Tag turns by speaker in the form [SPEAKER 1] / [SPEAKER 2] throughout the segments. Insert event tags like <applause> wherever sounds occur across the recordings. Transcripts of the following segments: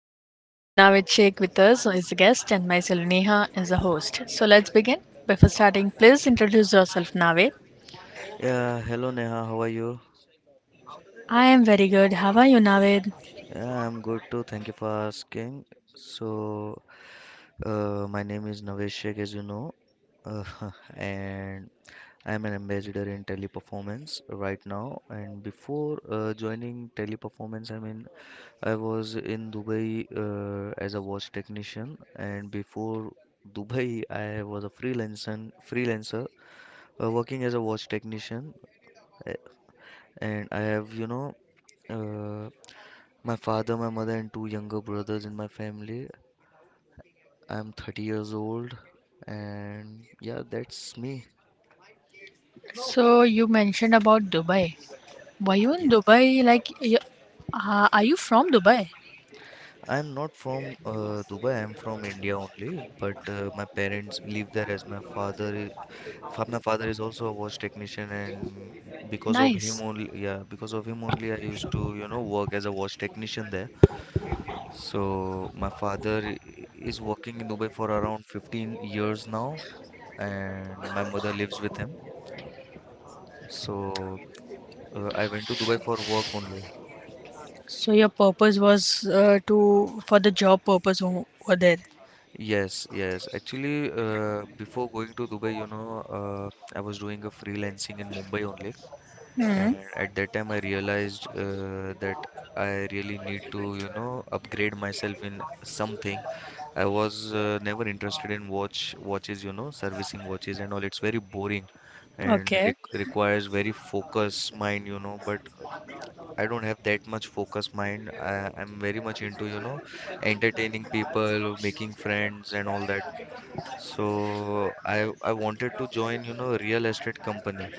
[SPEAKER 1] Hello, guys. We have Navid Sheikh with us as a guest and myself Neha as a host. So let's begin. Before starting, please introduce yourself, Navid.
[SPEAKER 2] Yeah, hello Neha, how are you?
[SPEAKER 1] I am very good. How are you, Navid?
[SPEAKER 2] Yeah, I'm good too. Thank you for asking. So, my name is Navesh Sheikh, as you know, uh, <laughs> and I'm an ambassador in teleperformance right now. And before joining teleperformance, I mean, I was in Dubai as a watch technician, and before Dubai, I was a freelancer working as a watch technician, uh, and I have, you know. Uh, My father, my mother, and two younger brothers in my family. I'm 30 years old, and yeah, that's me.
[SPEAKER 1] So you mentioned about Dubai. Were you in
[SPEAKER 2] Yeah,
[SPEAKER 1] Dubai? Like, are you from Dubai?
[SPEAKER 2] I'm not from Dubai. I'm from India only, but my parents live there as my My father is also a watch technician, and
[SPEAKER 1] Nice.
[SPEAKER 2] because of him only, I used to, you know, work as a watch technician there. So my is working in Dubai for around 15 years now, and my mother lives with him. So I went to Dubai for work only.
[SPEAKER 1] So your purpose was to for the job purpose over there.
[SPEAKER 2] Yes, yes. Actually, before going to Dubai, you know, I was doing a freelancing in Mumbai only.
[SPEAKER 1] Hmm.
[SPEAKER 2] And at that time, I realized that I really need to, you know, upgrade myself in something. I was never interested in watches, you know, servicing watches and all. It's very boring and
[SPEAKER 1] Okay.
[SPEAKER 2] re requires very focused mind, you know. But I don't have that much focus mind. I'm very much into, you know, entertaining people, making friends and all that. So I wanted to join, you know, real estate company.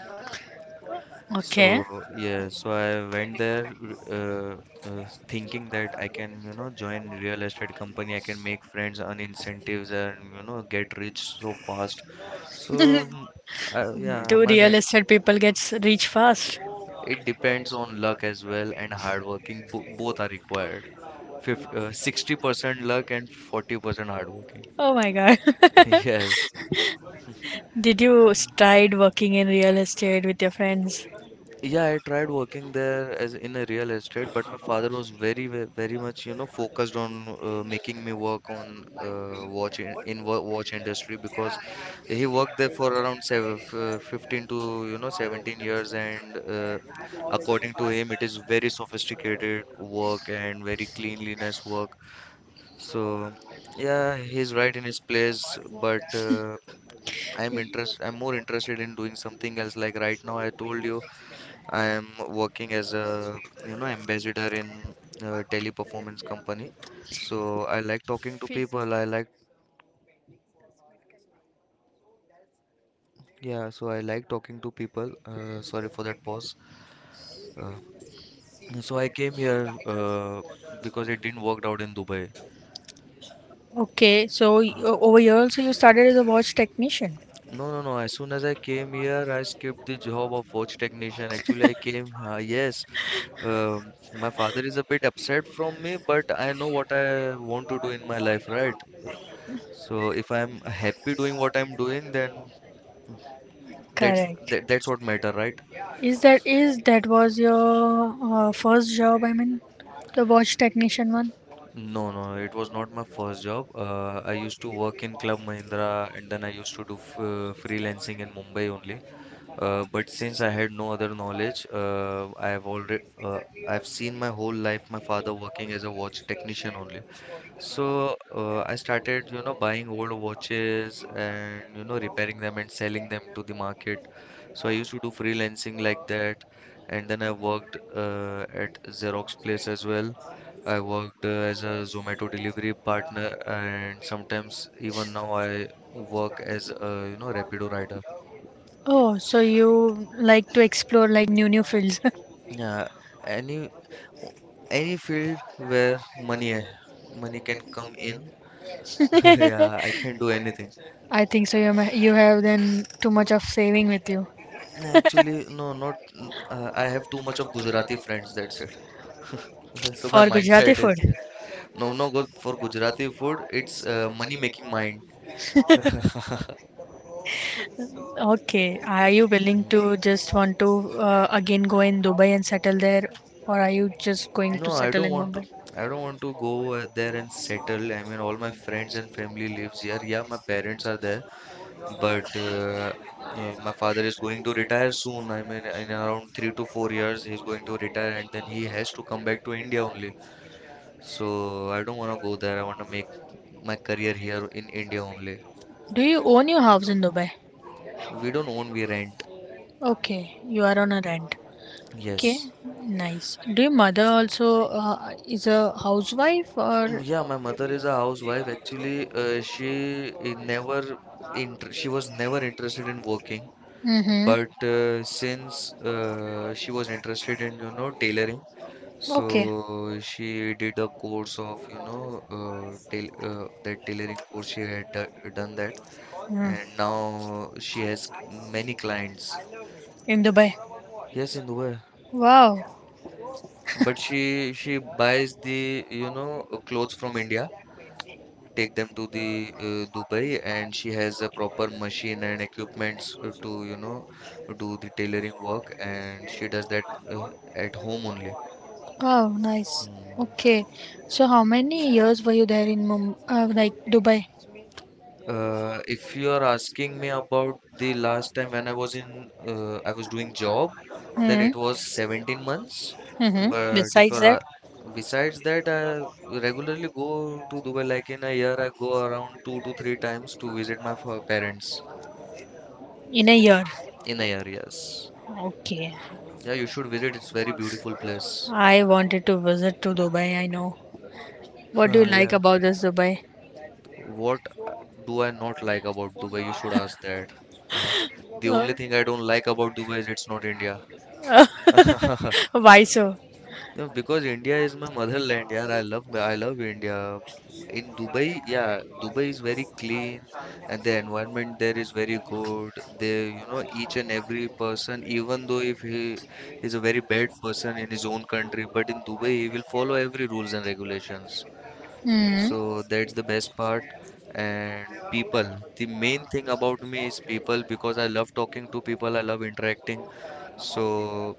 [SPEAKER 1] Okay.
[SPEAKER 2] So yeah, so I went there uh, thinking that I can, you know, join real estate company. I can make friends, earn incentives, and you know, get rich so fast. So mm, yeah,
[SPEAKER 1] Do
[SPEAKER 2] my,
[SPEAKER 1] real
[SPEAKER 2] my
[SPEAKER 1] estate people get rich fast?
[SPEAKER 2] it depends on luck as well and hard working. Bo Both are required. 60% luck and 40% hard working.
[SPEAKER 1] Oh my god.
[SPEAKER 2] <laughs>
[SPEAKER 1] <laughs>
[SPEAKER 2] Yes.
[SPEAKER 1] Did you
[SPEAKER 2] Mm.
[SPEAKER 1] tried working in real estate with your friends?
[SPEAKER 2] Yeah, I tried working there as in a real estate, but my father was very much, you know, focused on making me work on watch in wa- watch industry because he worked there for around 15 to, you know, 17 years, and according to him, it is very sophisticated work and very cleanliness work. So, yeah, he's right in his place, but I'm more interested in doing something else. Like right now, I told you I am working as a you know ambassador in a teleperformance company. So I like talking to
[SPEAKER 1] Phys-
[SPEAKER 2] people. I like yeah. So I like talking to people. Sorry for that pause. Uh, so I came here because it didn't work out in Dubai.
[SPEAKER 1] Okay, so over here also you started as a watch technician. Yes.
[SPEAKER 2] No, no, no. As soon as I came here, I skipped the job of watch technician. Actually, I came, yes, my father is a bit upset from me, but I know what I want to do in my life, right? Uh, So if I'm happy doing what I'm doing, then that's
[SPEAKER 1] Correct.
[SPEAKER 2] that's what matter, right?
[SPEAKER 1] Is that was your first job? I mean, the watch technician one.
[SPEAKER 2] No, no, it was not my first job. I used to work in Club Mahindra and then I used to do f freelancing in Mumbai only. But since I had no other knowledge, I have already I've seen my whole life my father working as a watch technician only. So I started, you know, buying old watches and you know repairing them and selling them to the market. So I used to do freelancing like that, and then I worked at Xerox place as well. I worked as a Zomato delivery partner, and sometimes even now I work as a you know Rapido rider.
[SPEAKER 1] Oh, so you like to explore like new fields.
[SPEAKER 2] Yeah, any o- any field where money can come in, <laughs>
[SPEAKER 1] <laughs>
[SPEAKER 2] yeah, I can do anything.
[SPEAKER 1] I think so. You have then too much of saving with you
[SPEAKER 2] No, actually, no, not. N- I have too much of Gujarati friends. That's it. <laughs> So my
[SPEAKER 1] for Gujarati
[SPEAKER 2] mindset is
[SPEAKER 1] food.
[SPEAKER 2] yeah. No, no, go for Gujarati food. It's money making mind.
[SPEAKER 1] Okay, are you willing
[SPEAKER 2] Mm.
[SPEAKER 1] to just want to again go in Dubai and settle there, or are you just going to
[SPEAKER 2] No, I
[SPEAKER 1] settle
[SPEAKER 2] don't
[SPEAKER 1] in
[SPEAKER 2] want to.
[SPEAKER 1] Mumbai?
[SPEAKER 2] I don't want to go there and settle. I mean, all my friends and family lives here. Yeah, my parents are there, but my father is going to retire soon. I mean, in around 3 to 4 years, he's going to retire, and then he has to come back to India only. So I don't want to go there. I want to make my career here in India only.
[SPEAKER 1] Do you own your house in Dubai?
[SPEAKER 2] We don't own, we rent.
[SPEAKER 1] Okay, you are on a rent. Okay,
[SPEAKER 2] Yes.
[SPEAKER 1] yes. Nice. Do your mother also is a housewife
[SPEAKER 2] Mm,
[SPEAKER 1] or?
[SPEAKER 2] yeah, my mother is a housewife. Actually, she was never interested in working.
[SPEAKER 1] Mm-hmm.
[SPEAKER 2] But since she was interested in, you know, tailoring,
[SPEAKER 1] Okay.
[SPEAKER 2] so she did a course of, you know, tail that tailoring course she done that, and
[SPEAKER 1] Mm.
[SPEAKER 2] now she has many clients.
[SPEAKER 1] In Dubai.
[SPEAKER 2] Yes, in Dubai.
[SPEAKER 1] Wow,
[SPEAKER 2] But she buys the, you know, clothes from India, take them to the Dubai, and she has a proper machine and equipments to, you know, do the tailoring work, and she does that at home only.
[SPEAKER 1] wow, nice.
[SPEAKER 2] Mm.
[SPEAKER 1] Okay, so how many years were you there in like Dubai?
[SPEAKER 2] If you are asking me about the last time when I was I was doing job, then
[SPEAKER 1] Mm.
[SPEAKER 2] it was 17 months.
[SPEAKER 1] Mm-hmm.
[SPEAKER 2] But if
[SPEAKER 1] Besides that,
[SPEAKER 2] besides that, I regularly go to Dubai. Like in a year, I go around 2 to 3 times to visit my parents
[SPEAKER 1] in a year.
[SPEAKER 2] in a year. Yes.
[SPEAKER 1] Okay.
[SPEAKER 2] Yeah, you should visit. It's very beautiful place.
[SPEAKER 1] I wanted to visit to Dubai, I know.
[SPEAKER 2] <laughs>
[SPEAKER 1] What do you like
[SPEAKER 2] Yeah.
[SPEAKER 1] about this Dubai?
[SPEAKER 2] What uh, do I not like about Dubai? You should ask that. Uh, the only
[SPEAKER 1] Uh,
[SPEAKER 2] thing I don't like about Dubai is it's not India. <laughs>
[SPEAKER 1] <laughs> Why so?
[SPEAKER 2] No, because India is my motherland, yeah. I love India. In Dubai, yeah, Dubai is very clean and the environment there is very good. They, you know, each and every person, even though if he is a very bad person in his own country, but in Dubai he will follow every rules and regulations.
[SPEAKER 1] Mm.
[SPEAKER 2] So that's the best part. And people, the main thing about me is people because I love talking to people, I love interacting. So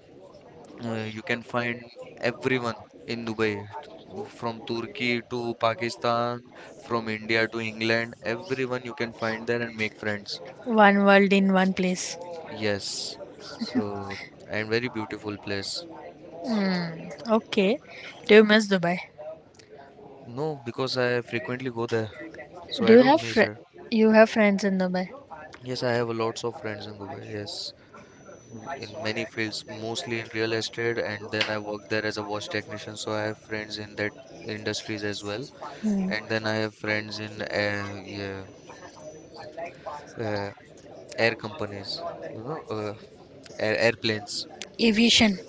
[SPEAKER 2] you can find everyone in Dubai, from Turkey to Pakistan, from India to England. Everyone you can find there and make friends.
[SPEAKER 1] One world in one place.
[SPEAKER 2] Yes. So, and very beautiful place.
[SPEAKER 1] Hmm. Okay. Do you miss Dubai?
[SPEAKER 2] No, because I frequently go there, so
[SPEAKER 1] Do
[SPEAKER 2] I
[SPEAKER 1] you
[SPEAKER 2] don't
[SPEAKER 1] have
[SPEAKER 2] miss
[SPEAKER 1] fr-
[SPEAKER 2] it.
[SPEAKER 1] you have friends in Dubai?
[SPEAKER 2] Yes, I have lots of friends in Dubai. Yes, in many fields, mostly in real estate, and then I work there as a wash technician, so I have friends in that industries as well. And
[SPEAKER 1] Hmm.
[SPEAKER 2] then I have friends in uh, air companies, you know, airplanes.
[SPEAKER 1] Aviation.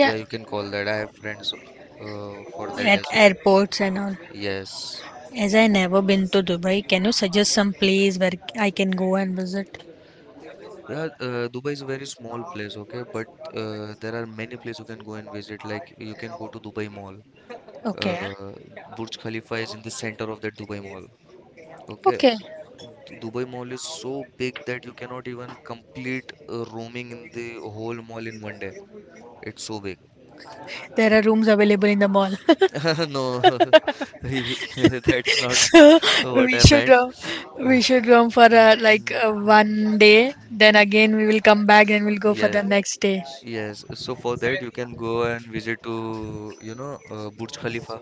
[SPEAKER 2] Yeah, you can call that. I have friends for that
[SPEAKER 1] At
[SPEAKER 2] as well.
[SPEAKER 1] airports and all.
[SPEAKER 2] Yes.
[SPEAKER 1] As I never been to Dubai, can you suggest some place where I can go and visit?
[SPEAKER 2] Yeah, Dubai is a very small place, okay, but there are many places you can go and visit. Like you can go to Dubai Mall.
[SPEAKER 1] Okay. Huh?
[SPEAKER 2] Uh, Burj Khalifa is in the center of that Dubai Mall. Okay,
[SPEAKER 1] Okay.
[SPEAKER 2] Dubai Mall is so big that you cannot even complete roaming in the whole mall in one day. It's so big.
[SPEAKER 1] There are rooms available in the mall. <laughs>
[SPEAKER 2] <laughs> No, <laughs> that's
[SPEAKER 1] <laughs>
[SPEAKER 2] not
[SPEAKER 1] So we
[SPEAKER 2] what I
[SPEAKER 1] should
[SPEAKER 2] meant.
[SPEAKER 1] uh, we
[SPEAKER 2] <laughs>
[SPEAKER 1] should roam for like
[SPEAKER 2] Mm, mm,
[SPEAKER 1] one day, then
[SPEAKER 2] mm.
[SPEAKER 1] again we will come back and we'll go for the
[SPEAKER 2] Yeah,
[SPEAKER 1] next day
[SPEAKER 2] yes. So for that, you can go and visit to, you know, Burj Khalifa.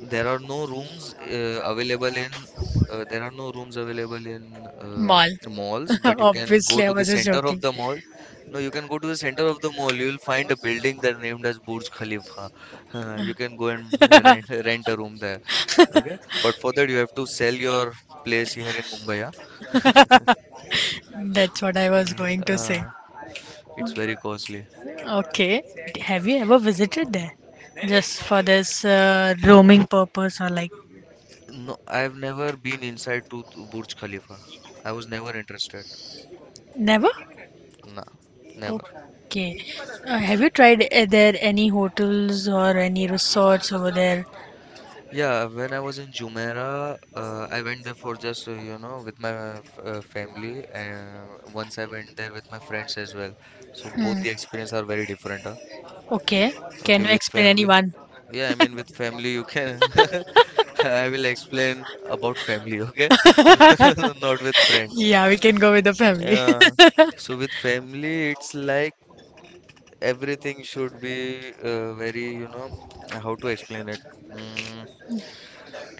[SPEAKER 2] There are no rooms uh, available in there are no rooms available in
[SPEAKER 1] mall.
[SPEAKER 2] the malls, but
[SPEAKER 1] <laughs>
[SPEAKER 2] you can go
[SPEAKER 1] Obviously, I
[SPEAKER 2] to the
[SPEAKER 1] was just
[SPEAKER 2] center of
[SPEAKER 1] joking.
[SPEAKER 2] the mall. No, you can go to the center of the mall. You will find a building that named as Burj Khalifa. <laughs> You can go and rent
[SPEAKER 1] <laughs>
[SPEAKER 2] rent a room there. Okay, but for that you have to sell your place here in Mumbai. Huh?
[SPEAKER 1] That's what I was going
[SPEAKER 2] Uh,
[SPEAKER 1] to say.
[SPEAKER 2] uh, it's very costly.
[SPEAKER 1] Okay, have you ever visited there just for this roaming purpose, or like,
[SPEAKER 2] No, I've never been inside to Burj Khalifa. I was never interested.
[SPEAKER 1] never?
[SPEAKER 2] Nah, never.
[SPEAKER 1] Okay. Have you tried there any hotels or any resorts over there?
[SPEAKER 2] Yeah, when I was in Jumeirah, I went there for just, you know, with my f family. And once I went there with my friends as well. So both the experience are very different, huh?
[SPEAKER 1] Okay.
[SPEAKER 2] Okay,
[SPEAKER 1] Can you
[SPEAKER 2] with
[SPEAKER 1] explain
[SPEAKER 2] family.
[SPEAKER 1] anyone?
[SPEAKER 2] Yeah, I mean, with
[SPEAKER 1] <laughs>
[SPEAKER 2] family, you can. <laughs> I will explain about family, okay? <laughs> Not with
[SPEAKER 1] <laughs>
[SPEAKER 2] friends.
[SPEAKER 1] Yeah, we can go with the family.
[SPEAKER 2] Yeah. So with family, it's like everything should be very, you know, how to explain it? Mm,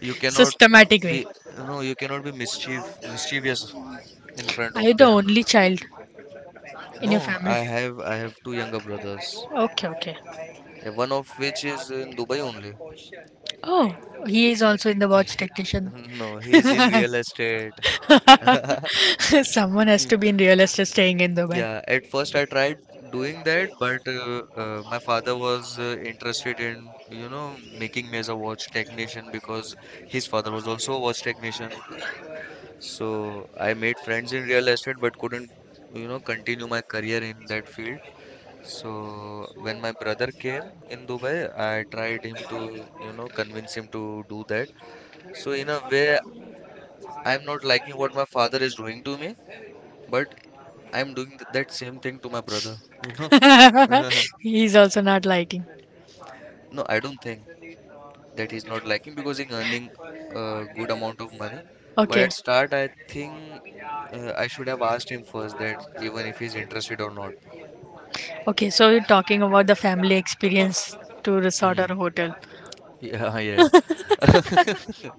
[SPEAKER 2] you cannot
[SPEAKER 1] Systematic way.
[SPEAKER 2] be, no, you cannot be mischievous in front
[SPEAKER 1] Are you
[SPEAKER 2] of
[SPEAKER 1] the
[SPEAKER 2] them.
[SPEAKER 1] only child in your
[SPEAKER 2] No,
[SPEAKER 1] family?
[SPEAKER 2] I have two younger brothers.
[SPEAKER 1] Okay, okay.
[SPEAKER 2] One of which is in Dubai only.
[SPEAKER 1] Oh, he is also in the watch
[SPEAKER 2] He- <laughs>
[SPEAKER 1] technician.
[SPEAKER 2] No, he's in real estate.
[SPEAKER 1] <laughs>
[SPEAKER 2] <laughs>
[SPEAKER 1] Estate. Someone has
[SPEAKER 2] Mm,
[SPEAKER 1] to be in real estate staying in
[SPEAKER 2] yeah,
[SPEAKER 1] Dubai.
[SPEAKER 2] at first I tried doing that, but my father was interested in, you know, making me as a watch technician because his father was also a watch technician. So I made friends in real estate, but couldn't, you know, continue my career in that field. So when my brother came in Dubai, I tried him to, you know, convince him to do that. So in a way, I'm not liking what my father is doing to me, but I'm doing th that same thing to my brother, you
[SPEAKER 1] Know, <laughs> yeah.
[SPEAKER 2] know. <laughs>
[SPEAKER 1] He's also not liking.
[SPEAKER 2] No, I don't think that he's not liking because he's earning a good amount of money. But at start, I think I should have asked him first that even if he's interested or not.
[SPEAKER 1] Okay, so you're talking about the family experience to resort
[SPEAKER 2] Mm.
[SPEAKER 1] or hotel.
[SPEAKER 2] Yeah, yes. <laughs>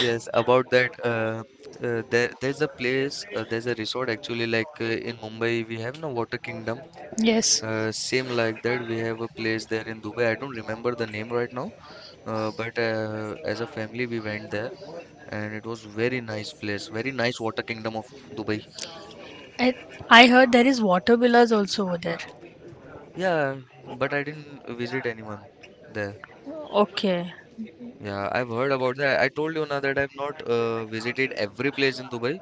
[SPEAKER 2] Yes, about that. There's a place, there's a resort actually. Like in Mumbai, we have no Water Kingdom.
[SPEAKER 1] Yes.
[SPEAKER 2] Same like that, we have a place there in Dubai. I don't remember the name right now, but as a family, we went there, and it was very nice place, very nice Water Kingdom of Dubai.
[SPEAKER 1] I, I heard there is water villas also over there.
[SPEAKER 2] Yeah, but I didn't visit anyone there.
[SPEAKER 1] Okay.
[SPEAKER 2] Yeah, I've heard about that. I told you now that I've not visited every place in Dubai.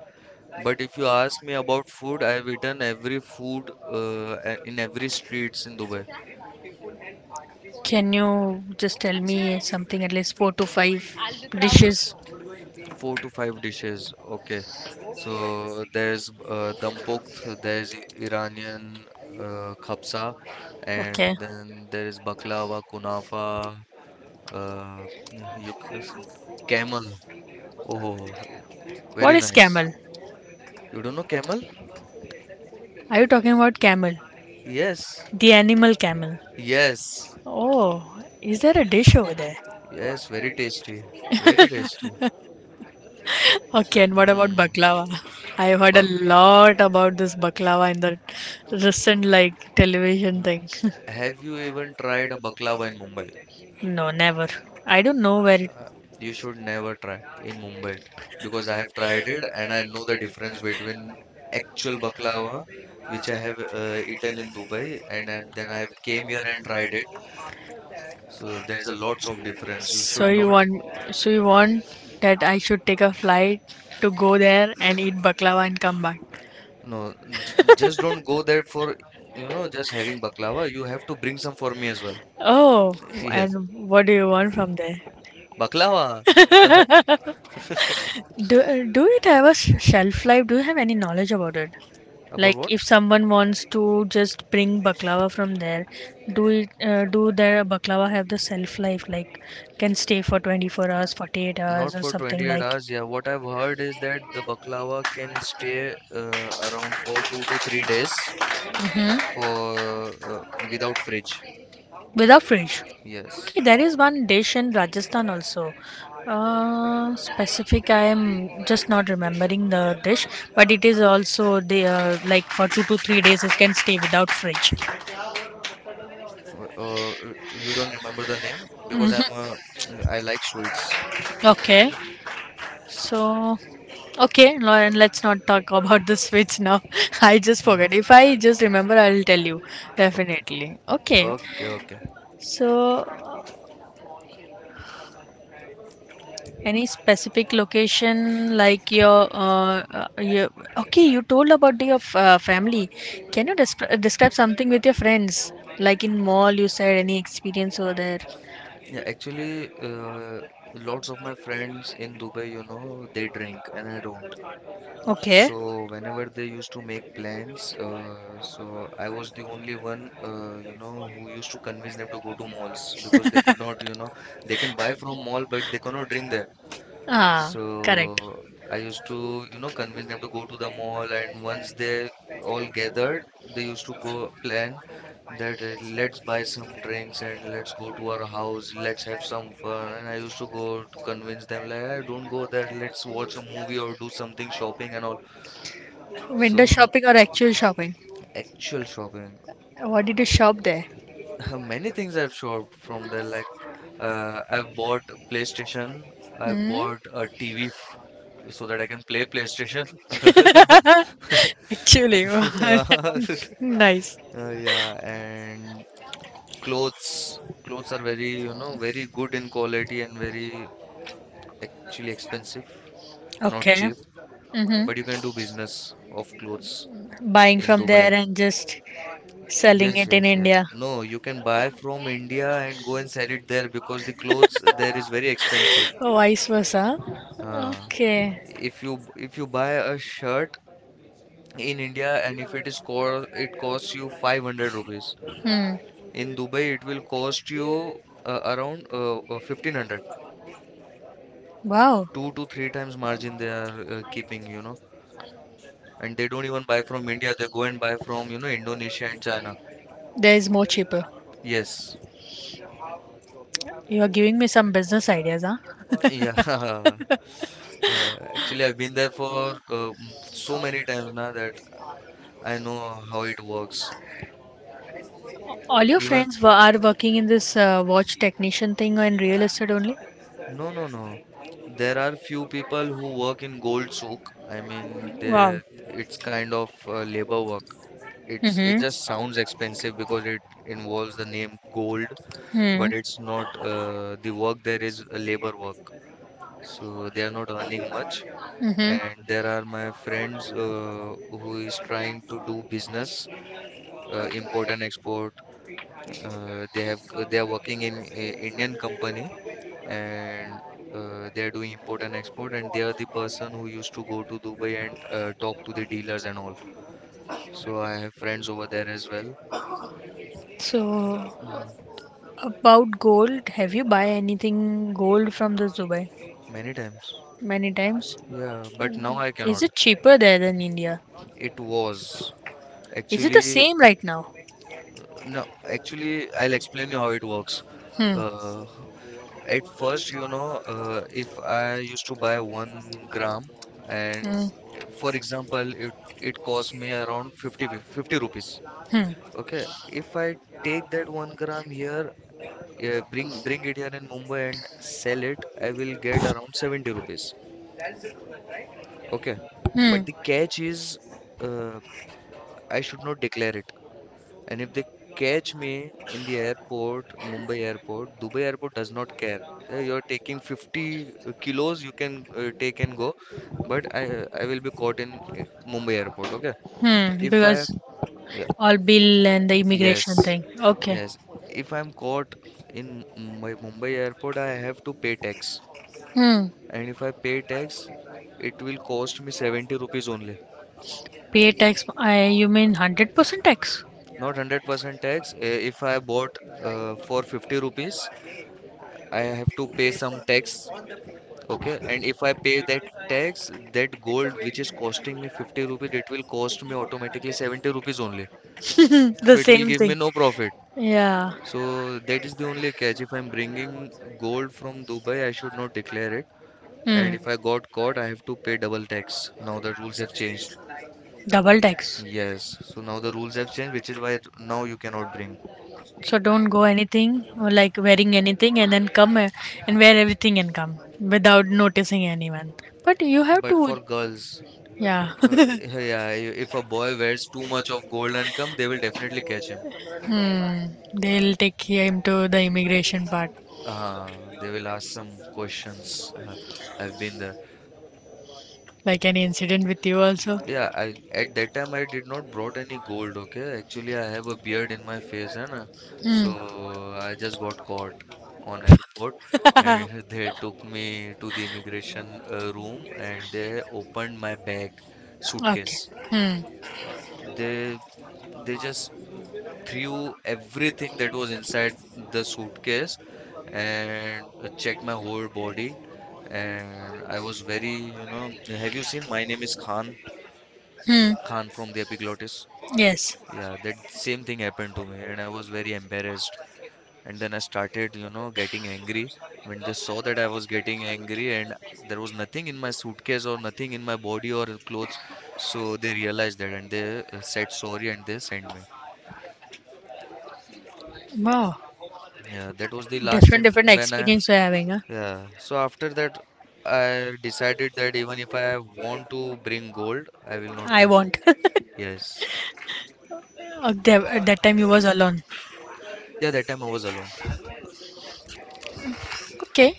[SPEAKER 2] But if you ask me about food, I've eaten every food in every streets in Dubai.
[SPEAKER 1] Can you just tell me something at least four to five dishes?
[SPEAKER 2] Four to five dishes. Okay. So there's dum pokht, there's Iranian khabsa, and
[SPEAKER 1] Okay.
[SPEAKER 2] then there is baklava, kunafa, uh, you, camel. Oh,
[SPEAKER 1] What
[SPEAKER 2] very
[SPEAKER 1] very
[SPEAKER 2] nice.
[SPEAKER 1] camel?
[SPEAKER 2] You don't know camel?
[SPEAKER 1] Are you talking about camel?
[SPEAKER 2] Yes,
[SPEAKER 1] The animal camel.
[SPEAKER 2] yes,
[SPEAKER 1] Oh, is there a dish over there? <laughs>
[SPEAKER 2] yes. Very tasty. Very tasty.
[SPEAKER 1] Okay, and what about
[SPEAKER 2] Mm.
[SPEAKER 1] baklava? I have heard a
[SPEAKER 2] Bak.
[SPEAKER 1] lot about this baklava in the recent like television thing. <laughs>
[SPEAKER 2] Have you even tried a baklava in Mumbai?
[SPEAKER 1] No, never. I don't know where it.
[SPEAKER 2] Uh, you should never try in Mumbai because I have tried it and I know the difference between actual baklava, which I have eaten in Dubai, and then I have came here and tried it. So there's a lots of difference. You
[SPEAKER 1] So
[SPEAKER 2] should
[SPEAKER 1] you
[SPEAKER 2] not
[SPEAKER 1] want, so you want that I should take a flight to go there and eat baklava and come back.
[SPEAKER 2] no j just don't go there for, you know, just having baklava. You have to bring some for me as well.
[SPEAKER 1] Oh,
[SPEAKER 2] <laughs> Yes,
[SPEAKER 1] and what do you want from there?
[SPEAKER 2] baklava.
[SPEAKER 1] Do it have a shelf life? Do you have any knowledge about it?
[SPEAKER 2] About
[SPEAKER 1] Like
[SPEAKER 2] what?
[SPEAKER 1] if someone wants to just bring baklava from there, do it do their baklava have the shelf life? Like, can stay for 24 hours, 48
[SPEAKER 2] Not
[SPEAKER 1] hours, or
[SPEAKER 2] for
[SPEAKER 1] something
[SPEAKER 2] 28
[SPEAKER 1] like.
[SPEAKER 2] hours. Yeah, what I've heard is that the baklava can stay around for 2 to 3 days
[SPEAKER 1] Mhm.
[SPEAKER 2] for without fridge.
[SPEAKER 1] Without fridge. Okay,
[SPEAKER 2] Yes.
[SPEAKER 1] there is one dish in Rajasthan also. Specific, I am just not remembering the dish, but it is also the like for 2 to 3 days it can stay without fridge.
[SPEAKER 2] You don't remember the name because I'm <tsk> I like sweets.
[SPEAKER 1] Okay, so okay, no, and let's not talk <laughs> about the switch now. <laughs> I just
[SPEAKER 2] Huh,
[SPEAKER 1] forgot. If I just remember, I'll tell you
[SPEAKER 2] okay.
[SPEAKER 1] definitely. Okay,
[SPEAKER 2] Okay, okay.
[SPEAKER 1] so any specific location like your okay, you told about your family. Can you describe something with your friends? Like in mall, you said any experience over there?
[SPEAKER 2] Yeah, actually, lots of my friends in Dubai, you know, they drink and I don't.
[SPEAKER 1] Okay.
[SPEAKER 2] So whenever they used to make plans, so I was the only one, you know, who used to convince them to go to malls because they could not, you know, they can buy from mall but they cannot drink there.
[SPEAKER 1] Ah, correct.
[SPEAKER 2] So I used to, you know, convince them to go to the mall, and once they all gathered, they used to go plan that let's buy some drinks and let's go to our house, let's have some fun. And I used to go to convince them like, I don't go there, let's watch a movie or do something shopping and all. So
[SPEAKER 1] Window so
[SPEAKER 2] m-
[SPEAKER 1] shopping or actual shopping?
[SPEAKER 2] Actual shopping.
[SPEAKER 1] What did you shop there?
[SPEAKER 2] <laughs> Many things I've shopped from there. Like I've bought a PlayStation, I've bought a TV so that I can play PlayStation. <laughs>
[SPEAKER 1] Actually, <laughs> wow. Nice.
[SPEAKER 2] Yeah, and clothes. Clothes are very, you know, very good in quality and very actually expensive, not
[SPEAKER 1] Okay.
[SPEAKER 2] cheap. But you can do business of clothes
[SPEAKER 1] Mm-hmm. Buying
[SPEAKER 2] in
[SPEAKER 1] from there
[SPEAKER 2] Dubai.
[SPEAKER 1] and just selling
[SPEAKER 2] Yes,
[SPEAKER 1] it in
[SPEAKER 2] yes, yes.
[SPEAKER 1] India.
[SPEAKER 2] No, you can buy from India and go and sell it there because the clothes there is very expensive.
[SPEAKER 1] Oh, vice versa.
[SPEAKER 2] Uh,
[SPEAKER 1] Okay.
[SPEAKER 2] if you if you buy a shirt in India and if it is co it costs you 500 rupees.
[SPEAKER 1] Hmm.
[SPEAKER 2] In Dubai, it will cost you around 1500.
[SPEAKER 1] Wow.
[SPEAKER 2] Two to three times margin they are keeping, you know. And they don't even buy from India. They go and buy from, you know, Indonesia and China.
[SPEAKER 1] There is more cheaper.
[SPEAKER 2] Yes.
[SPEAKER 1] You are giving me some business ideas, huh?
[SPEAKER 2] Yeah. <laughs> Actually, I've been there for so many times now that I know how it works.
[SPEAKER 1] All your
[SPEAKER 2] Even,
[SPEAKER 1] friends were, are working in this watch technician thing and real estate only?
[SPEAKER 2] no, no, no. There are few people who work in gold soak. I mean,
[SPEAKER 1] Wow.
[SPEAKER 2] they it's kind of labor work. It
[SPEAKER 1] Mm-hmm.
[SPEAKER 2] just sounds expensive because it involves the name gold,
[SPEAKER 1] Hmm.
[SPEAKER 2] but it's not.
[SPEAKER 1] Hmm.
[SPEAKER 2] The work there is a labor work, so they are not earning much.
[SPEAKER 1] Mm-hmm.
[SPEAKER 2] And there are my friends who is trying to do business, import and export. They have they are working in a Indian company and they are doing import and export and they are the person who used to go to Dubai and talk to the dealers and all. So I have friends over there as well.
[SPEAKER 1] So
[SPEAKER 2] Mm,
[SPEAKER 1] about gold, have you buy anything gold from the Dubai
[SPEAKER 2] many times.
[SPEAKER 1] many times?
[SPEAKER 2] Yeah, but now
[SPEAKER 1] Cannot
[SPEAKER 2] I cannot.
[SPEAKER 1] it cheaper there than India?
[SPEAKER 2] It was actually
[SPEAKER 1] Same right now?
[SPEAKER 2] no, actually I'll explain you how it works.
[SPEAKER 1] Hmm.
[SPEAKER 2] Uh, At first, you know, if I used to buy 1 gram, and for example, it cost me around 50, 50 rupees.
[SPEAKER 1] Hmm.
[SPEAKER 2] Okay, if I take that 1 gram here, bring it here in Mumbai and sell it, I will get around 70 rupees. Okay,
[SPEAKER 1] But hmm.
[SPEAKER 2] but the catch is, uh, I should not declare it. And if they catch me in the airport, Mumbai airport, Dubai airport does not care. You're taking 50 kilos, you can take and go, but I will be caught in uh, Mumbai airport. Okay,
[SPEAKER 1] Hmm,
[SPEAKER 2] if I
[SPEAKER 1] because
[SPEAKER 2] yeah,
[SPEAKER 1] all bill and the immigration
[SPEAKER 2] yes,
[SPEAKER 1] thing. Okay.
[SPEAKER 2] yes, if I'm caught in my Mumbai airport, I have to pay tax,
[SPEAKER 1] Hmm.
[SPEAKER 2] and if I pay tax, it will cost me 70 rupees only,
[SPEAKER 1] Pay tax. I you mean 100% tax?
[SPEAKER 2] not 100% tax. If I bought for 50 rupees, I have to pay some tax. Okay, and if I pay that tax, that gold which is costing me 50 rupees, it will cost me automatically 70 rupees only.
[SPEAKER 1] <laughs> The
[SPEAKER 2] So it will
[SPEAKER 1] same
[SPEAKER 2] give
[SPEAKER 1] thing.
[SPEAKER 2] me no profit.
[SPEAKER 1] Yeah.
[SPEAKER 2] So that is the only catch. If I'm bringing gold from Dubai, I should not declare it. And
[SPEAKER 1] Hmm.
[SPEAKER 2] if I got caught, I have to pay double tax. Now the rules have changed.
[SPEAKER 1] Double tax.
[SPEAKER 2] Yes, so now the rules have changed, which is why now you cannot bring.
[SPEAKER 1] So don't go anything or like wearing anything and then come and wear everything and come without noticing anyone. But you have
[SPEAKER 2] But
[SPEAKER 1] to.
[SPEAKER 2] for girls,
[SPEAKER 1] Yeah. <laughs>
[SPEAKER 2] yeah, if a boy wears too much of gold and come, they will definitely catch him.
[SPEAKER 1] Hmm. They'll take him to the immigration part.
[SPEAKER 2] Uh, they will ask some questions. I've been there.
[SPEAKER 1] Like any incident with you also.
[SPEAKER 2] Yeah, I at that time I did not brought any gold. Okay, actually I have a beard in my face, and
[SPEAKER 1] Hmm.
[SPEAKER 2] so I just got caught on airport, and <laughs>
[SPEAKER 1] <laughs>
[SPEAKER 2] they took me to the immigration room, and they opened my bag,
[SPEAKER 1] Okay.
[SPEAKER 2] suitcase.
[SPEAKER 1] Hmm.
[SPEAKER 2] They they just uh, threw everything that was inside the suitcase and checked my whole body and I was very, you know, have you seen My Name is Khan?
[SPEAKER 1] Hmm.
[SPEAKER 2] Khan from the Epiglottis.
[SPEAKER 1] Yes.
[SPEAKER 2] Yeah, that same thing happened to me and I was very embarrassed. And then I started, you know, getting angry when they saw that I was getting angry and there was nothing in my suitcase or nothing in my body or clothes. So they realized that and they said sorry and they sent me.
[SPEAKER 1] Wow.
[SPEAKER 2] Yeah, that was the last
[SPEAKER 1] Different
[SPEAKER 2] time
[SPEAKER 1] different
[SPEAKER 2] when I.
[SPEAKER 1] experience we're having, huh?
[SPEAKER 2] Yeah, so after that, I decided that even if I want to bring gold, I will not
[SPEAKER 1] I
[SPEAKER 2] bring.
[SPEAKER 1] won't. <laughs> Okay,
[SPEAKER 2] Yes.
[SPEAKER 1] at that time you was alone.
[SPEAKER 2] Yeah, that time I was alone.
[SPEAKER 1] Okay.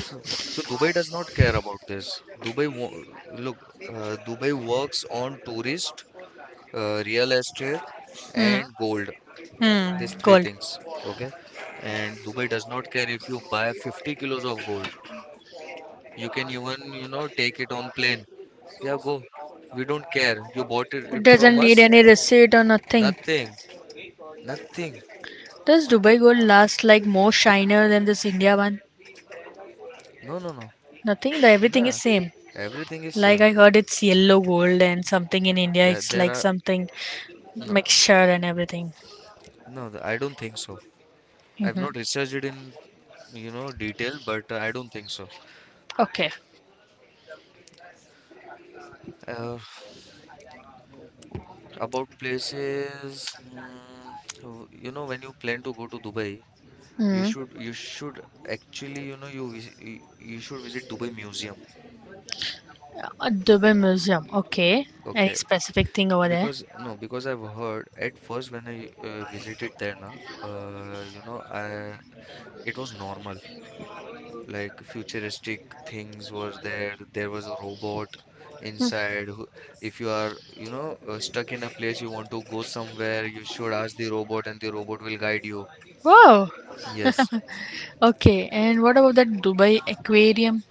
[SPEAKER 2] So, so Dubai does not care about this. Dubai, look, Dubai works on tourist, real estate,
[SPEAKER 1] Hmm.
[SPEAKER 2] and gold.
[SPEAKER 1] Hmm.
[SPEAKER 2] These three
[SPEAKER 1] Cold.
[SPEAKER 2] things. Okay. And Dubai does not care if you buy 50 kilos of gold. You can even, you know, take it on plane. Yeah, go. We don't care. You bought it,
[SPEAKER 1] It
[SPEAKER 2] it
[SPEAKER 1] doesn't
[SPEAKER 2] from
[SPEAKER 1] need
[SPEAKER 2] us.
[SPEAKER 1] any receipt or nothing.
[SPEAKER 2] Nothing. Nothing.
[SPEAKER 1] Does Dubai gold last like more shiner than this India one?
[SPEAKER 2] No, no, no.
[SPEAKER 1] Nothing. The everything is
[SPEAKER 2] Nah,
[SPEAKER 1] same.
[SPEAKER 2] everything is
[SPEAKER 1] Like
[SPEAKER 2] same.
[SPEAKER 1] I heard it's yellow gold and something in India
[SPEAKER 2] Yeah,
[SPEAKER 1] it's
[SPEAKER 2] there
[SPEAKER 1] like
[SPEAKER 2] are
[SPEAKER 1] something
[SPEAKER 2] no,
[SPEAKER 1] mixture and everything.
[SPEAKER 2] no. I don't think so.
[SPEAKER 1] Hmm.
[SPEAKER 2] I've not researched it in, you know, detail, but I don't think so.
[SPEAKER 1] Okay.
[SPEAKER 2] Uh, about places, mm, you know, when you plan to go to Dubai, you should you
[SPEAKER 1] Mm.
[SPEAKER 2] should actually, you know, you visit, you should visit Dubai Museum.
[SPEAKER 1] Dubai Museum. Okay. Any
[SPEAKER 2] Okay,
[SPEAKER 1] specific thing over there?
[SPEAKER 2] because no, because I've heard at first when I visited there, na, you know, I it was normal. Like futuristic things were there. There was a robot inside who, if you are, you know, stuck in a place, you want to go somewhere, you should ask the robot and the robot will guide you.
[SPEAKER 1] Wow.
[SPEAKER 2] Yes,
[SPEAKER 1] Okay. And what about that Dubai aquarium?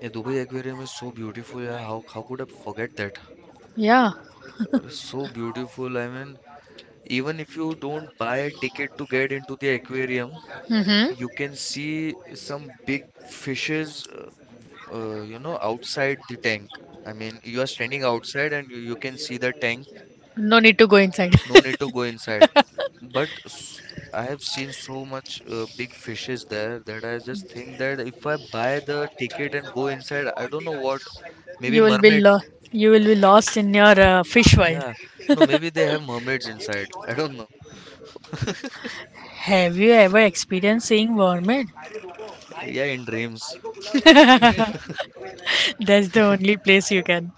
[SPEAKER 2] a Dubai aquarium is so beautiful. Yeah, how could I forget that.
[SPEAKER 1] Yeah.
[SPEAKER 2] It is so beautiful. I mean, even if you don't buy a ticket to get into the aquarium,
[SPEAKER 1] Mm-hmm.
[SPEAKER 2] you can see some big fishes you know, outside the tank. I mean, you are standing outside and you can see the tank.
[SPEAKER 1] No need to go inside.
[SPEAKER 2] No
[SPEAKER 1] <laughs>
[SPEAKER 2] need to go inside. But s- I have seen so much big fishes there that I just think that if I buy the ticket and go inside, I don't know what. Maybe
[SPEAKER 1] You will be
[SPEAKER 2] mermaid.
[SPEAKER 1] lo- you will be lost in your fish world.
[SPEAKER 2] Yeah. No, maybe they have mermaids inside. <laughs> I don't know.
[SPEAKER 1] Have you ever experienced seeing mermaid?
[SPEAKER 2] Yeah, in dreams.
[SPEAKER 1] <laughs> That's the only place you can.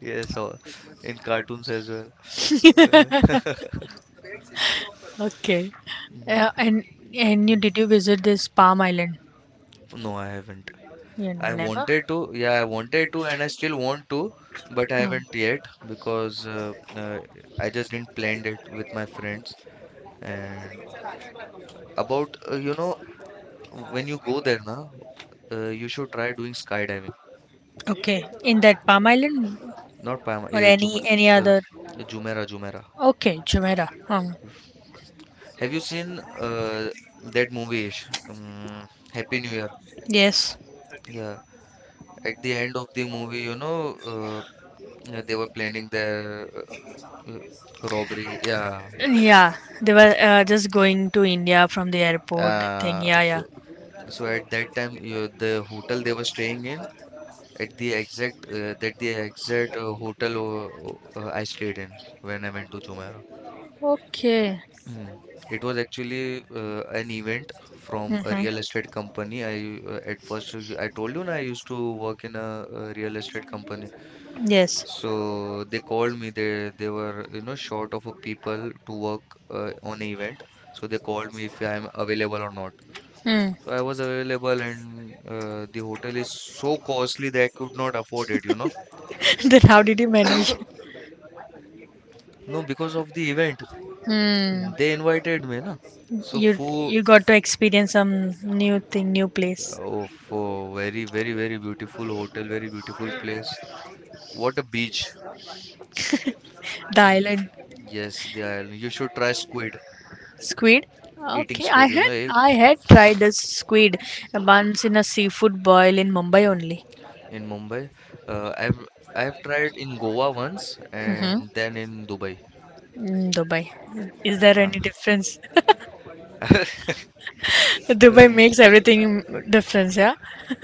[SPEAKER 2] Yes, or in cartoons as well. Uh,
[SPEAKER 1] <laughs> Okay.
[SPEAKER 2] mm,
[SPEAKER 1] Uh, and and you did you visit this Palm Island?
[SPEAKER 2] no, I haven't.
[SPEAKER 1] You
[SPEAKER 2] I
[SPEAKER 1] never.
[SPEAKER 2] wanted to. Yeah, I wanted to, and I still want to, but I haven't
[SPEAKER 1] Hmm.
[SPEAKER 2] yet because I just didn't plan it with my friends. And about when you go there, na, you should try doing skydiving.
[SPEAKER 1] Okay, in that Palm Island
[SPEAKER 2] Not Pama,
[SPEAKER 1] or
[SPEAKER 2] Jume,
[SPEAKER 1] any
[SPEAKER 2] uh,
[SPEAKER 1] other?
[SPEAKER 2] Jumeirah, Jumeirah.
[SPEAKER 1] Okay, Jumeirah.
[SPEAKER 2] Have you seen that movie, Ish? Happy New Year?
[SPEAKER 1] Yes.
[SPEAKER 2] Yeah. At the end of the movie, you know, yeah, they were planning their robbery. Yeah.
[SPEAKER 1] Yeah, they were just going to India from the airport thing.
[SPEAKER 2] Uh,
[SPEAKER 1] Yeah, yeah.
[SPEAKER 2] so, so at that time, you, the hotel they were staying in, at the exact, that the exact hotel I stayed in when I went to Jumeirah.
[SPEAKER 1] Okay.
[SPEAKER 2] Mm. It was actually an event from a
[SPEAKER 1] Mm-hmm.
[SPEAKER 2] real estate company. I At first I told you na I used to work in a, real estate company.
[SPEAKER 1] Yes.
[SPEAKER 2] So they called me. They were you know short of a people to work on an event. So they called me if I'm available or not.
[SPEAKER 1] Hmm.
[SPEAKER 2] So I was available, and the hotel is so costly that I could not afford it. You know,
[SPEAKER 1] <laughs> Then how did you manage? <laughs>
[SPEAKER 2] no because of the event
[SPEAKER 1] Hmm.
[SPEAKER 2] they invited me na. So
[SPEAKER 1] You
[SPEAKER 2] food.
[SPEAKER 1] you got to experience some new thing, new place.
[SPEAKER 2] Oh, for very, very, very beautiful hotel, very beautiful place. What a beach.
[SPEAKER 1] The
[SPEAKER 2] Mm.
[SPEAKER 1] island
[SPEAKER 2] Yes, the island. You should try squid,
[SPEAKER 1] squid.
[SPEAKER 2] eating
[SPEAKER 1] Okay, I
[SPEAKER 2] squid, you know,
[SPEAKER 1] had
[SPEAKER 2] eh,
[SPEAKER 1] I had tried the squid once in a seafood boil in Mumbai only.
[SPEAKER 2] in Mumbai. I've I've tried in Goa once and then in Dubai.
[SPEAKER 1] Mm-hmm. Dubai. Is there
[SPEAKER 2] Yeah.
[SPEAKER 1] any difference? <laughs>
[SPEAKER 2] <laughs> Uh,
[SPEAKER 1] Dubai makes everything difference, yeah?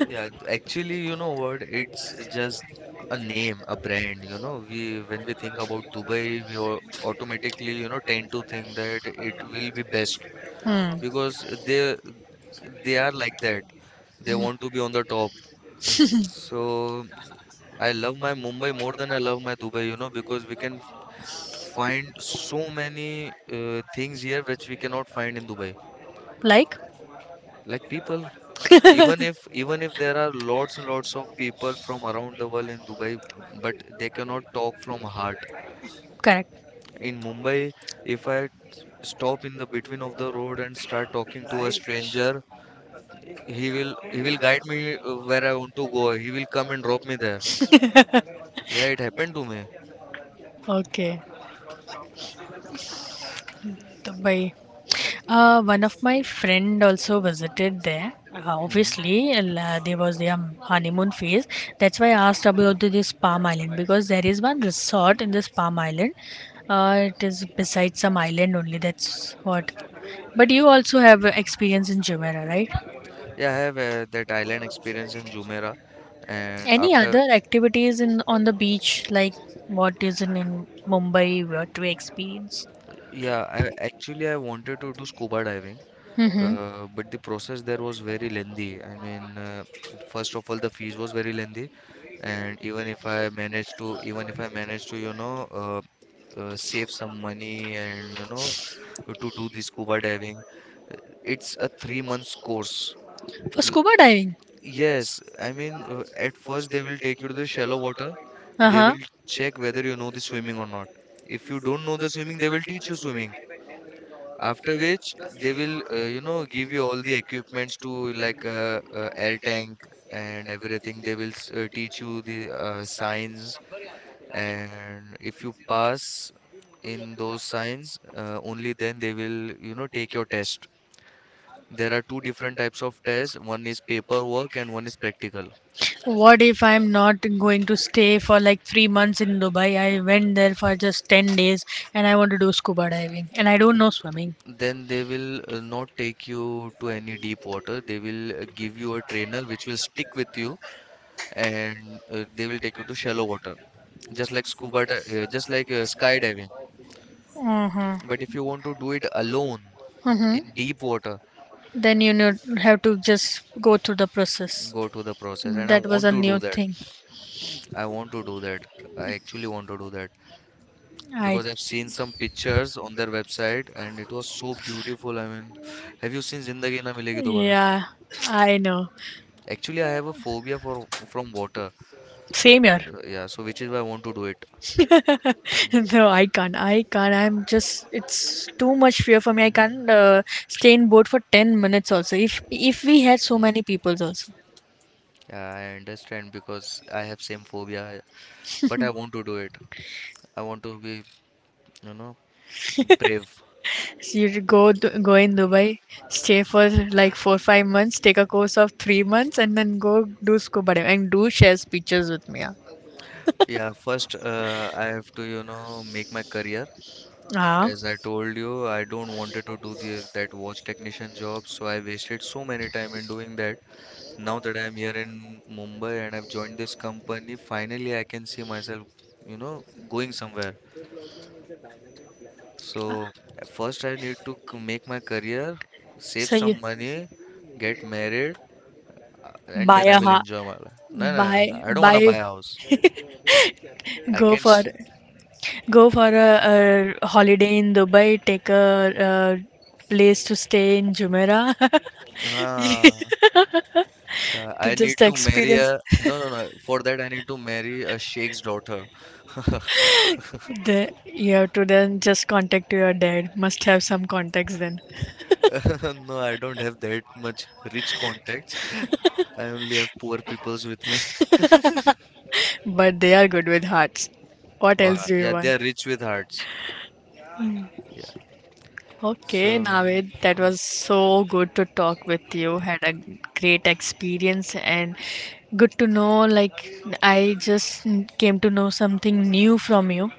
[SPEAKER 2] actually, you know what? It's just a name, a brand, you know. We when we think about Dubai, we au- automatically, you know, tend to think that it will be best
[SPEAKER 1] Hmm.
[SPEAKER 2] because they are like that. They want to be on the top. So I love my Mumbai more than I love my Dubai, you know, because we can f- find so many things here which we cannot find in Dubai.
[SPEAKER 1] Like?
[SPEAKER 2] Like people, even if there are lots and lots of people from around the world in Dubai, but
[SPEAKER 1] <laughs>
[SPEAKER 2] they cannot talk from heart.
[SPEAKER 1] Correct.
[SPEAKER 2] In Mumbai, if I stop in the between of the road and start talking to a stranger, he will guide me where I want to go. He will come and drop me there.
[SPEAKER 1] <laughs>
[SPEAKER 2] Yeah, it happened to me.
[SPEAKER 1] Okay. Dubai. One of my friend also visited there. Uh,
[SPEAKER 2] Hmm.
[SPEAKER 1] obviously, there was their honeymoon phase. That's why I asked about this Palm Island because there is one resort in this Palm Island. It is beside some island only. That's what. But you also have experience in Jumeirah, right?
[SPEAKER 2] Yeah, I have that island experience in Jumeirah, and
[SPEAKER 1] Any
[SPEAKER 2] after
[SPEAKER 1] other activities in on the beach like what is in Mumbai? What we experience?
[SPEAKER 2] yeah, I actually I wanted to do scuba diving,
[SPEAKER 1] Mm-hmm.
[SPEAKER 2] but the process there was very lengthy. First of all, the fees was very lengthy, and even if I managed to even if I managed to you know save some money and you know to do the scuba diving, it's a 3 months course.
[SPEAKER 1] For scuba diving.
[SPEAKER 2] Yes, I mean, at first they will take you to the shallow water.
[SPEAKER 1] Uh
[SPEAKER 2] They
[SPEAKER 1] huh.
[SPEAKER 2] will check whether you know the swimming or not. If you don't know the swimming, they will teach you swimming. After which, they will, you know, give you all the equipments to like air tank and everything. They will teach you the signs, and if you pass in those signs, only then they will, you know, take your test. There are two different types of tests. One is paperwork and one is practical.
[SPEAKER 1] What if I'm not going to stay for like 3 months in Dubai? I went there for just 10 days and I want to do scuba diving and I don't know swimming.
[SPEAKER 2] Then they will not take you to any deep water. They will give you a trainer which will stick with you and they will take you to shallow water, just like just like skydiving.
[SPEAKER 1] Mm-hmm.
[SPEAKER 2] But if you want to do it alone
[SPEAKER 1] Mm-hmm.
[SPEAKER 2] in deep water,
[SPEAKER 1] Then have to just go through the process.
[SPEAKER 2] go to the process. And I
[SPEAKER 1] That was
[SPEAKER 2] want
[SPEAKER 1] a
[SPEAKER 2] to
[SPEAKER 1] new
[SPEAKER 2] do that.
[SPEAKER 1] thing.
[SPEAKER 2] I want to do that. I actually want to do that
[SPEAKER 1] I
[SPEAKER 2] because I've seen some pictures on their website and it was so beautiful. I mean, have you seen Zindagi Na Milegi Dobara?
[SPEAKER 1] yeah, I know.
[SPEAKER 2] Actually, I have a phobia for from water.
[SPEAKER 1] Same here.
[SPEAKER 2] So, yeah, so which is why I want to do it. Mm,
[SPEAKER 1] <laughs> No, I can't. I can't. I'm just It's too much fear for me. I can't stay in boat for 10 minutes also. If we had so
[SPEAKER 2] mm.
[SPEAKER 1] many peoples, also.
[SPEAKER 2] Yeah, I understand because I have same phobia, but I want to do it. I want to be, you know, brave.
[SPEAKER 1] So you go go in Dubai, stay for like 4 5 months, take a course of 3 months and then go do scuba diving and do share pictures with me. Yeah.
[SPEAKER 2] Yeah, first, I have to, you know, make my career.
[SPEAKER 1] Ah.
[SPEAKER 2] As I told you, I don't wanted to do this that watch technician job, so I wasted so many time in doing that. Now that I'm here in Mumbai and I've joined this company, finally I can see myself, you know, going somewhere. So first I need to c- make my career, save
[SPEAKER 1] So you
[SPEAKER 2] some money, get married, and
[SPEAKER 1] buy
[SPEAKER 2] then I
[SPEAKER 1] a
[SPEAKER 2] will
[SPEAKER 1] ha
[SPEAKER 2] enjoy my life. No, no,
[SPEAKER 1] buy
[SPEAKER 2] no. No, I don't want
[SPEAKER 1] buy
[SPEAKER 2] to buy a house. I
[SPEAKER 1] go
[SPEAKER 2] can,
[SPEAKER 1] for
[SPEAKER 2] s-
[SPEAKER 1] go for a holiday in Dubai, take a place to stay in Jumeirah <laughs> to
[SPEAKER 2] uh, I need
[SPEAKER 1] just
[SPEAKER 2] to marry
[SPEAKER 1] experience.
[SPEAKER 2] a,
[SPEAKER 1] <laughs>
[SPEAKER 2] no, no, no. For that I need to marry a sheikh's daughter. <laughs>
[SPEAKER 1] You have to then just contact your dad. Must have some contacts then.
[SPEAKER 2] No, I don't have that much rich contacts. I only have poor peoples with me. <laughs>
[SPEAKER 1] But they are good with hearts. What else do you
[SPEAKER 2] Yeah,
[SPEAKER 1] want?
[SPEAKER 2] they are rich with hearts. Yeah. So,
[SPEAKER 1] Okay,
[SPEAKER 2] mm,
[SPEAKER 1] Navid, that
[SPEAKER 2] mm.
[SPEAKER 1] was so good to talk with you. Had a great experience and good to know. Like, I just came to know something new from you.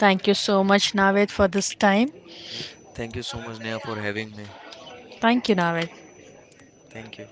[SPEAKER 1] Thank you so much, Navid, for this time.
[SPEAKER 2] Thank you so much, Neha, for having me.
[SPEAKER 1] Thank you, Navid.
[SPEAKER 2] Thank you.